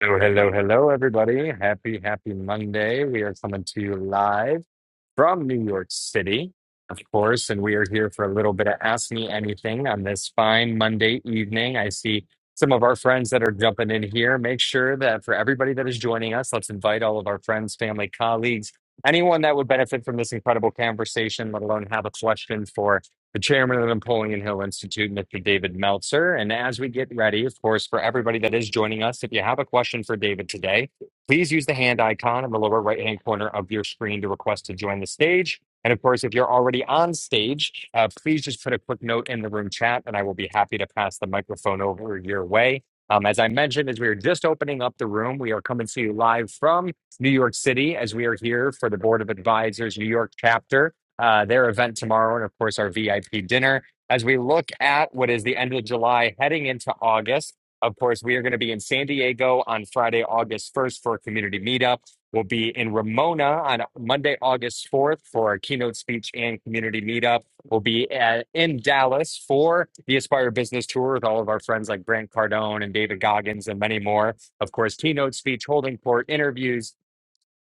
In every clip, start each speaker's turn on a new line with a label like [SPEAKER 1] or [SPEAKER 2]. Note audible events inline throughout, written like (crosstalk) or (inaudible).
[SPEAKER 1] Hello, hello, hello, everybody. Happy, happy Monday. We are coming to you live from New York City, of course, and we are here for a little bit of Ask Me Anything on this fine Monday evening. I see some of our friends that are jumping in here. Make sure that for everybody that is joining us, let's invite all of our friends, family, colleagues, anyone that would benefit from this incredible conversation, let alone have a question for the chairman of the Napoleon Hill Institute, Mr. David Meltzer. And as we get ready, of course, for everybody that is joining us, if you have a question for David today, please use the hand icon in the lower right hand corner of your screen to request to join the stage. And of course, if you're already on stage, uh, please just put a quick note in the room chat and I will be happy to pass the microphone over your way. Um, as I mentioned, as we are just opening up the room, we are coming to you live from New York City as we are here for the Board of Advisors New York chapter uh, their event tomorrow, and of course, our VIP dinner. As we look at what is the end of July heading into August, of course, we are going to be in San Diego on Friday, August 1st for a community meetup. We'll be in Ramona on Monday, August 4th for our keynote speech and community meetup. We'll be at, in Dallas for the Aspire Business Tour with all of our friends like Grant Cardone and David Goggins and many more. Of course, keynote speech, holding court, interviews,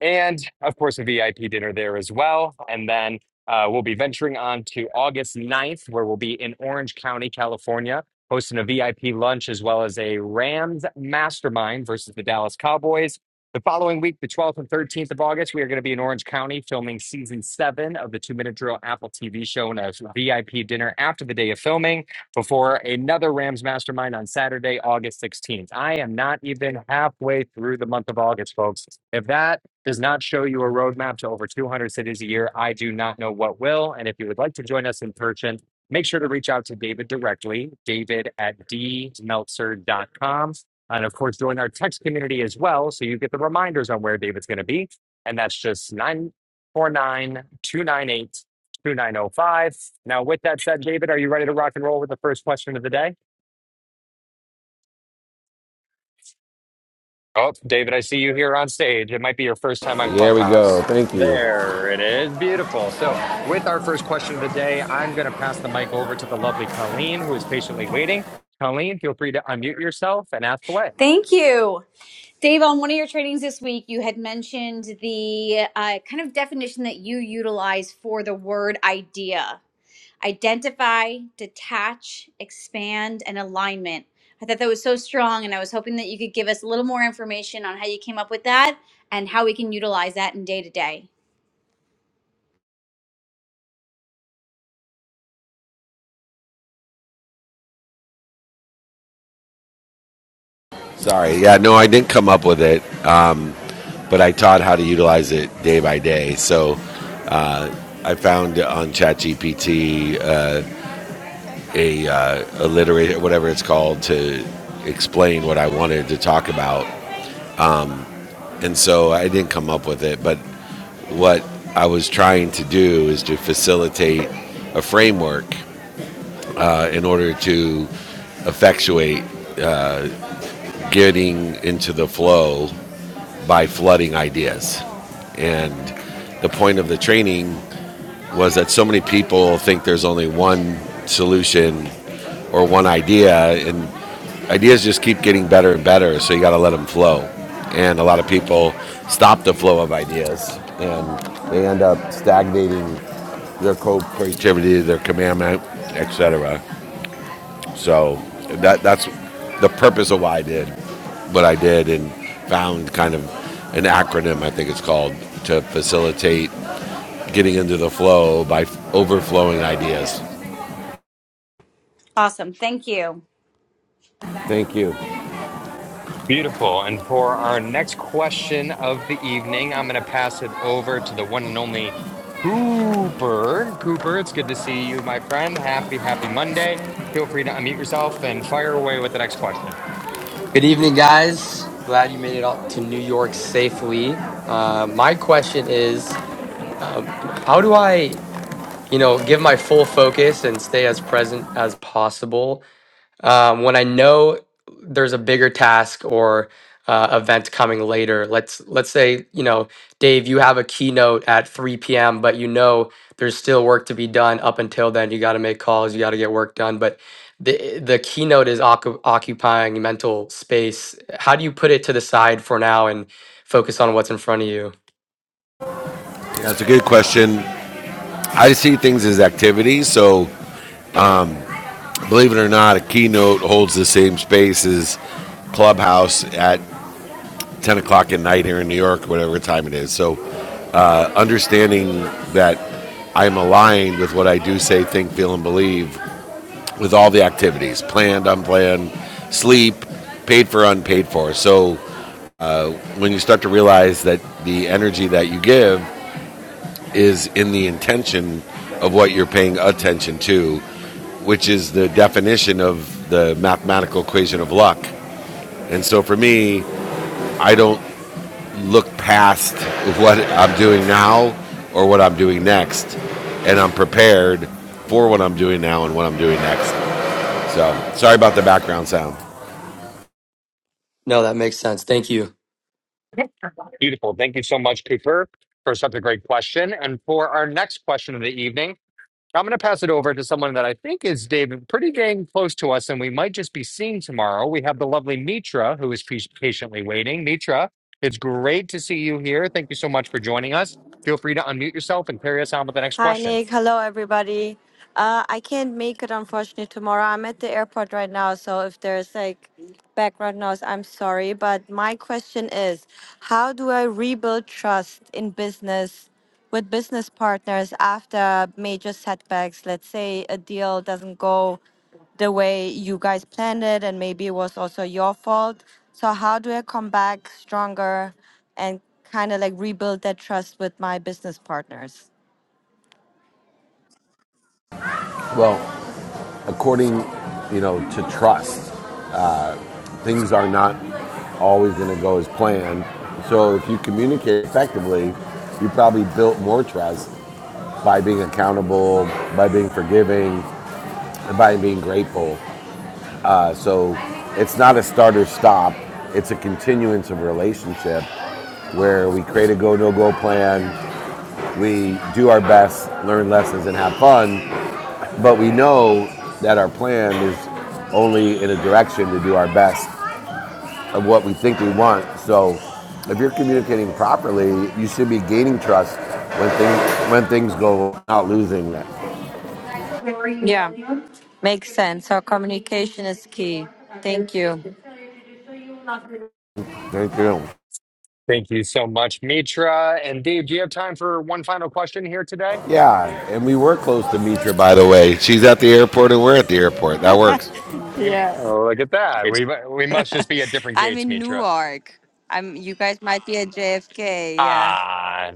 [SPEAKER 1] and of course a VIP dinner there as well. And then uh, we'll be venturing on to August ninth, where we'll be in Orange County, California, hosting a VIP lunch as well as a Rams mastermind versus the Dallas Cowboys. The following week, the 12th and 13th of August, we are going to be in Orange County filming season seven of the Two Minute Drill Apple TV show and a VIP dinner after the day of filming before another Rams mastermind on Saturday, August 16th. I am not even halfway through the month of August, folks. If that does not show you a roadmap to over 200 cities a year. I do not know what will. And if you would like to join us in person, make sure to reach out to David directly, david at d meltzer dot com, And of course, join our text community as well. So you get the reminders on where David's going to be. And that's just nine four nine two nine eight two nine zero five. Now, with that said, David, are you ready to rock and roll with the first question of the day? Oh, David, I see you here on stage. It might be your first time on
[SPEAKER 2] There we go.
[SPEAKER 1] Clubhouse.
[SPEAKER 2] Thank you.
[SPEAKER 1] There it is. Beautiful. So, with our first question of the day, I'm going to pass the mic over to the lovely Colleen, who is patiently waiting. Colleen, feel free to unmute yourself and ask away.
[SPEAKER 3] Thank you. Dave, on one of your trainings this week, you had mentioned the uh, kind of definition that you utilize for the word idea identify, detach, expand, and alignment. I thought that was so strong, and I was hoping that you could give us a little more information on how you came up with that and how we can utilize that in day to day.
[SPEAKER 2] Sorry. Yeah, no, I didn't come up with it, um, but I taught how to utilize it day by day. So uh, I found on ChatGPT uh, a uh, alliteration, whatever it's called, to explain what I wanted to talk about. And so I didn't come up with it, but what I was trying to do is to facilitate a framework uh, in order to effectuate getting into the flow by flooding ideas. And the point of the training was that so many people think there's only one solution or one idea, and ideas just keep getting better and better, so you got to let them flow. And a lot of people stop the flow of ideas and they end up stagnating their co creativity, their commandment, etc. So that that's the purpose of why I did what I did and found kind of an acronym I think it's called to facilitate getting into the flow by overflowing ideas.
[SPEAKER 3] Awesome. Thank you.
[SPEAKER 2] Thank you.
[SPEAKER 1] Beautiful. And for our next question of the evening, I'm going to pass it over to the one and only Cooper. Cooper, it's good to see you, my friend. Happy, happy Monday. Feel free to unmute yourself and fire away with the next question.
[SPEAKER 4] Good evening, guys. Glad you made it out to New York safely. Uh, my question is, um, how do I, you know, give my full focus and stay as present as possible um, when I know there's a bigger task or uh, event coming later. Let's let's say you know, Dave, you have a keynote at 3 p.m., but you know there's still work to be done up until then. You got to make calls, you got to get work done, but the the keynote is occu- occupying mental space. How do you put it to the side for now and focus on what's in front of you?
[SPEAKER 2] That's a good question. I see things as activities, so believe it or not, a keynote holds the same space as clubhouse at 10 o'clock at night here in New York, whatever time it is. So uh, understanding that I'm aligned with what I do say, think, feel, and believe with all the activities planned, unplanned, sleep, paid for, unpaid for. So when you start to realize that the energy that you give is in the intention of what you're paying attention to, which is the definition of the mathematical equation of luck. And so for me, I don't look past what I'm doing now or what I'm doing next, and I'm prepared for what I'm doing now and what I'm doing next. So sorry about the background sound.
[SPEAKER 4] No, that makes sense. Thank you.
[SPEAKER 1] Beautiful. Thank you so much, Cooper, for such a great question. And for our next question of the evening, I'm going to pass it over to someone that I think is David, pretty dang close to us, and we might just be seeing tomorrow. We have the lovely Mitra, who is pa- patiently waiting. Mitra, it's great to see you here. Thank you so much for joining us. Feel free to unmute yourself and carry us on with the next
[SPEAKER 5] Hi,
[SPEAKER 1] question.
[SPEAKER 5] Nick. Hello, everybody. Uh, I can't make it, unfortunately, tomorrow. I'm at the airport right now, so if there's like background noise, I'm sorry. But my question is how do I rebuild trust in business with business partners after major setbacks? Let's say a deal doesn't go the way you guys planned it, and maybe it was also your fault. So, how do I come back stronger and kind of like rebuild that trust with my business partners?
[SPEAKER 2] Well, according, you know, to trust. Things are not always going to go as planned. So if you communicate effectively, you probably built more trust by being accountable, by being forgiving, and by being grateful. Uh, so it's not a start or stop. It's a continuance of relationship where we create a go no go plan, we do our best, learn lessons, and have fun. But we know that our plan is only in a direction to do our best of what we think we want. So if you're communicating properly, you should be gaining trust when things when things go not losing that.
[SPEAKER 5] Yeah, makes sense. So communication is key. Thank you.
[SPEAKER 2] Thank you.
[SPEAKER 1] Thank you so much, Mitra. And Dave, do you have time for one final question here today?
[SPEAKER 2] Yeah, and we were close to Mitra, by the way. She's at the airport, and we're at the airport. That works.
[SPEAKER 5] Yeah.
[SPEAKER 1] Oh, look at that. We mu- we must just be at different
[SPEAKER 5] I'm
[SPEAKER 1] gates,
[SPEAKER 5] in
[SPEAKER 1] Mitra.
[SPEAKER 5] Newark. I'm. You guys might be at JFK. Yeah.
[SPEAKER 1] Ah,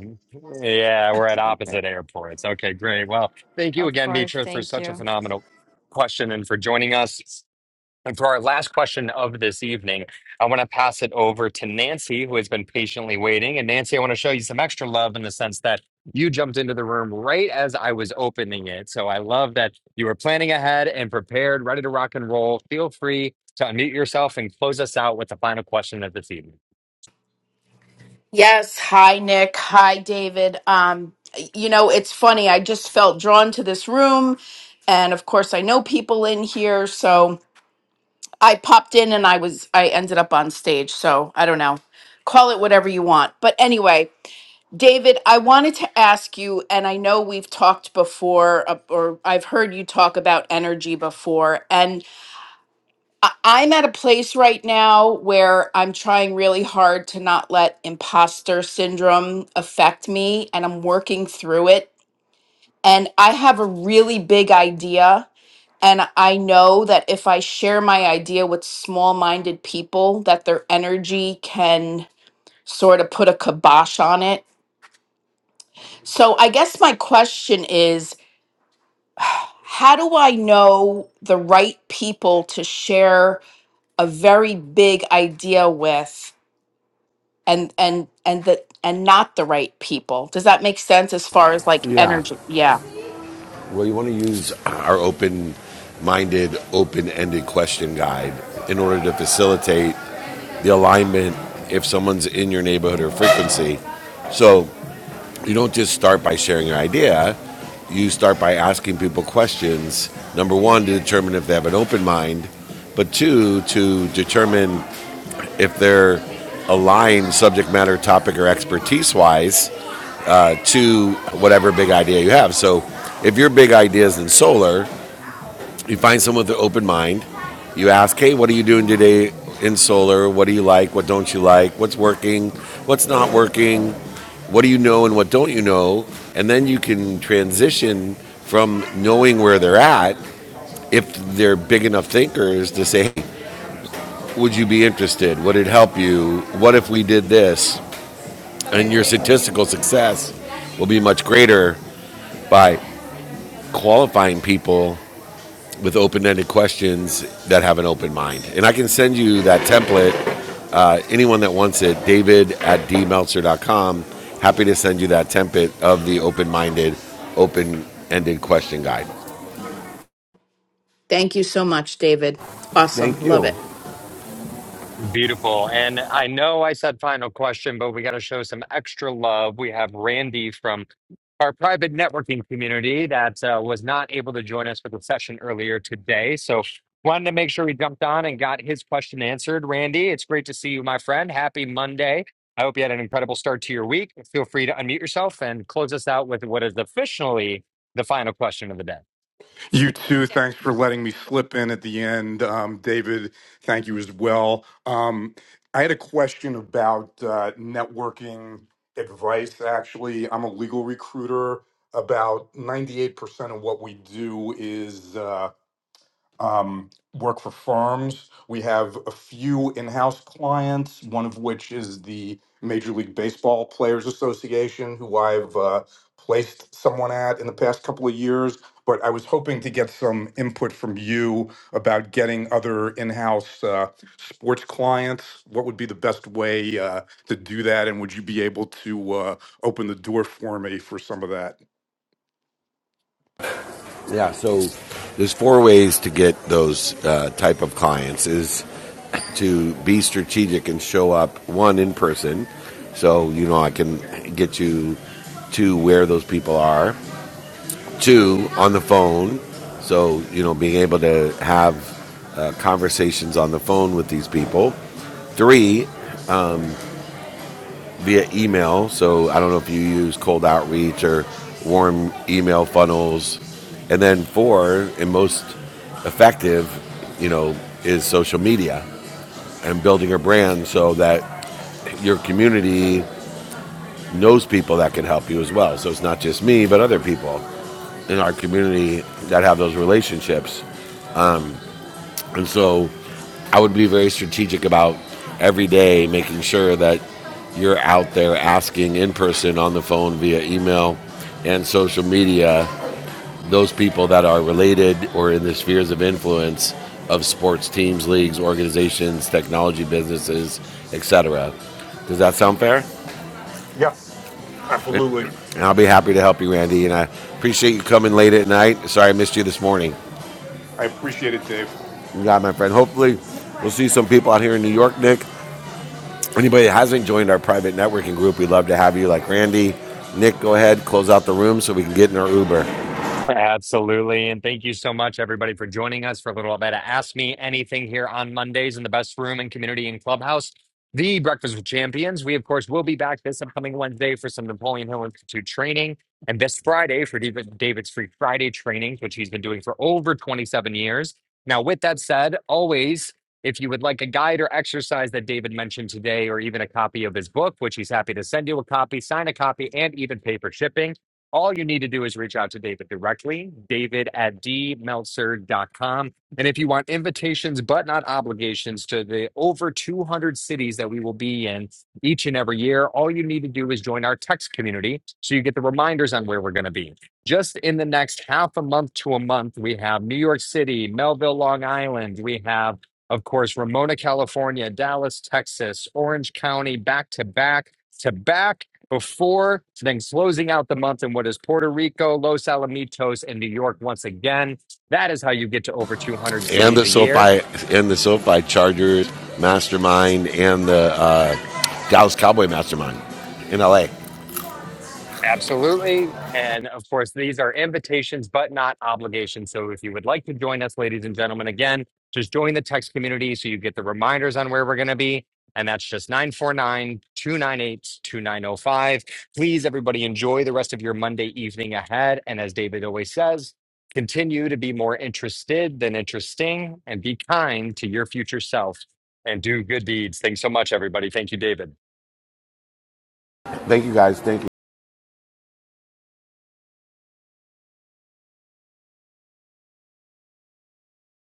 [SPEAKER 1] yeah, we're at
[SPEAKER 5] Okay.
[SPEAKER 1] opposite airports. Okay, great. Well, thank you
[SPEAKER 5] Of
[SPEAKER 1] again,
[SPEAKER 5] course.
[SPEAKER 1] Mitra, for
[SPEAKER 5] Thank
[SPEAKER 1] such a
[SPEAKER 5] you.
[SPEAKER 1] phenomenal question and for joining us. And for our last question of this evening, I want to pass it over to Nancy, who has been patiently waiting. And Nancy, I want to show you some extra love in the sense that you jumped into the room right as I was opening it. So I love that you were planning ahead and prepared, ready to rock and roll. Feel free to unmute yourself and close us out with the final question of this evening.
[SPEAKER 6] Yes. Hi, Nick. Hi, David. Um, you know, it's funny. I just felt drawn to this room. And of course, I know people in here. So I popped in and I was, I ended up on stage. So I don't know. Call it whatever you want. But anyway, David, I wanted to ask you, and I know we've talked before, uh, or I've heard you talk about energy before. And I- I'm at a place right now where I'm trying really hard to not let imposter syndrome affect me, and I'm working through it. And I have a really big idea. And I know that if I share my idea with small minded people, that their energy can sort of put a kibosh on it. So I guess my question is (sighs) how do I know the right people to share a very big idea with? and and and the and not the right people. Does that make sense as far as like
[SPEAKER 2] Yeah.
[SPEAKER 6] energy? Yeah.
[SPEAKER 2] Well, you want to use our open-minded, open-ended question guide in order to facilitate the alignment if someone's in your neighborhood or frequency. So you don't just start by sharing your idea. You start by asking people questions. Number one, to determine if they have an open mind, but two, to determine if they're aligned subject matter, topic, or expertise wise to whatever big idea you have. So if your big idea is in solar, you find someone with an open mind. You ask, hey, what are you doing today in solar? What do you like? What don't you like? What's working? What's not working? What do you know and what don't you know? And then you can transition from knowing where they're at, if they're big enough thinkers, to say, hey, would you be interested? Would it help you? What if we did this? And your statistical success will be much greater by qualifying people with open-ended questions that have an open mind. And I can send you that template. Uh, anyone that wants it, David at dmeltzer.com. Happy to send you that template of the open-minded, open-ended question guide.
[SPEAKER 6] Thank you so much, David. Awesome.
[SPEAKER 2] Thank
[SPEAKER 6] Love it.
[SPEAKER 2] you.
[SPEAKER 1] Beautiful. And I know I said final question, but we got to show some extra love. We have Randy from our private networking community that uh, was not able to join us for the session earlier today. So wanted to make sure we jumped on and got his question answered. Randy, it's great to see you, my friend. Happy Monday. I hope you had an incredible start to your week. Feel free to unmute yourself and close us out with what is officially the final question of the day.
[SPEAKER 7] You too. Thanks for letting me slip in at the end. Um, David, thank you as well. Um, I had a question about uh, networking advice, actually. I'm a legal recruiter. About 98% of what we do is. uh, um, work for firms. We have a few in house clients, one of which is the Major League Baseball Players Association, who I've uh, placed someone at in the past couple of years. But I was hoping to get some input from you about getting other in house uh, sports clients. What would be the best way uh, to do that? And would you be able to uh, open the door for me for some of that?
[SPEAKER 2] Yeah. So there's four ways to get those uh, type of clients: is to be strategic and show up one in person. So you know I can get you to where those people are Two, on the phone. So, you know, being able to have uh, conversations on the phone with these people. Three, via email. So, I don't know if you use cold outreach or warm email funnels. And then four, and most effective, you know, is social media and building a brand so that your community knows people that can help you as well. So it's not just me, but other people in our community that have those relationships. And so I would be very strategic about every day making sure that you're out there asking in person, on the phone, via email, and social media those people that are related or in the spheres of influence of sports teams, leagues, organizations, technology businesses, etc. Does that sound fair?
[SPEAKER 7] Yeah,
[SPEAKER 2] And
[SPEAKER 7] absolutely.
[SPEAKER 2] I'll be happy to help you, Randy. And I appreciate you coming late at night. Sorry I missed you this morning.
[SPEAKER 7] I appreciate it, Dave.
[SPEAKER 2] You got it, my friend. Hopefully, we'll see some people out here in New York, Nick. Anybody that hasn't joined our private networking group, we'd love to have you. Like Randy, Nick, go ahead, close out the room so we can get in our Uber
[SPEAKER 1] Absolutely. And thank you so much, everybody, for joining us for a little bit of Ask Me Anything here on Mondays in the best room and community and clubhouse, the Breakfast with Champions. We, of course, will be back this upcoming Wednesday for some Napoleon Hill Institute training and this Friday for David- David's Free Friday trainings, which he's been doing for over 27 years. Now, with that said, always, if you would like a guide or exercise that David mentioned today, or even a copy of his book, which he's happy to send you a copy, sign a copy, and even paper shipping, all you need to do is reach out to David directly, david at d meltzer dot com. And if you want invitations, but not obligations, to the over 200 cities that we will be in each and every year, all you need to do is join our text community so you get the reminders on where we're going to be. Just in the next half a month to a month, we have New York City, Melville, Long Island. We have, of course, Ramona, California, Dallas, Texas, Orange County, back to back to back before, then closing out the month in what is Puerto Rico, Los Alamitos, and New York once again. That is how you get to over 200
[SPEAKER 2] and
[SPEAKER 1] cities
[SPEAKER 2] the
[SPEAKER 1] a year.
[SPEAKER 2] SoFi and the SoFi Chargers Mastermind and the uh, Dallas Cowboy Mastermind in LA.
[SPEAKER 1] Absolutely. And of course, these are invitations, but not obligations. So if you would like to join us, ladies and gentlemen, again, just join the text community so you get the reminders on where we're going to be. And that's just 949 298 2905. Please, everybody, enjoy the rest of your Monday evening ahead. And as David always says, continue to be more interested than interesting and be kind to your future self and do good deeds. Thanks so much, everybody. Thank you, David.
[SPEAKER 2] Thank you guys. Thank you.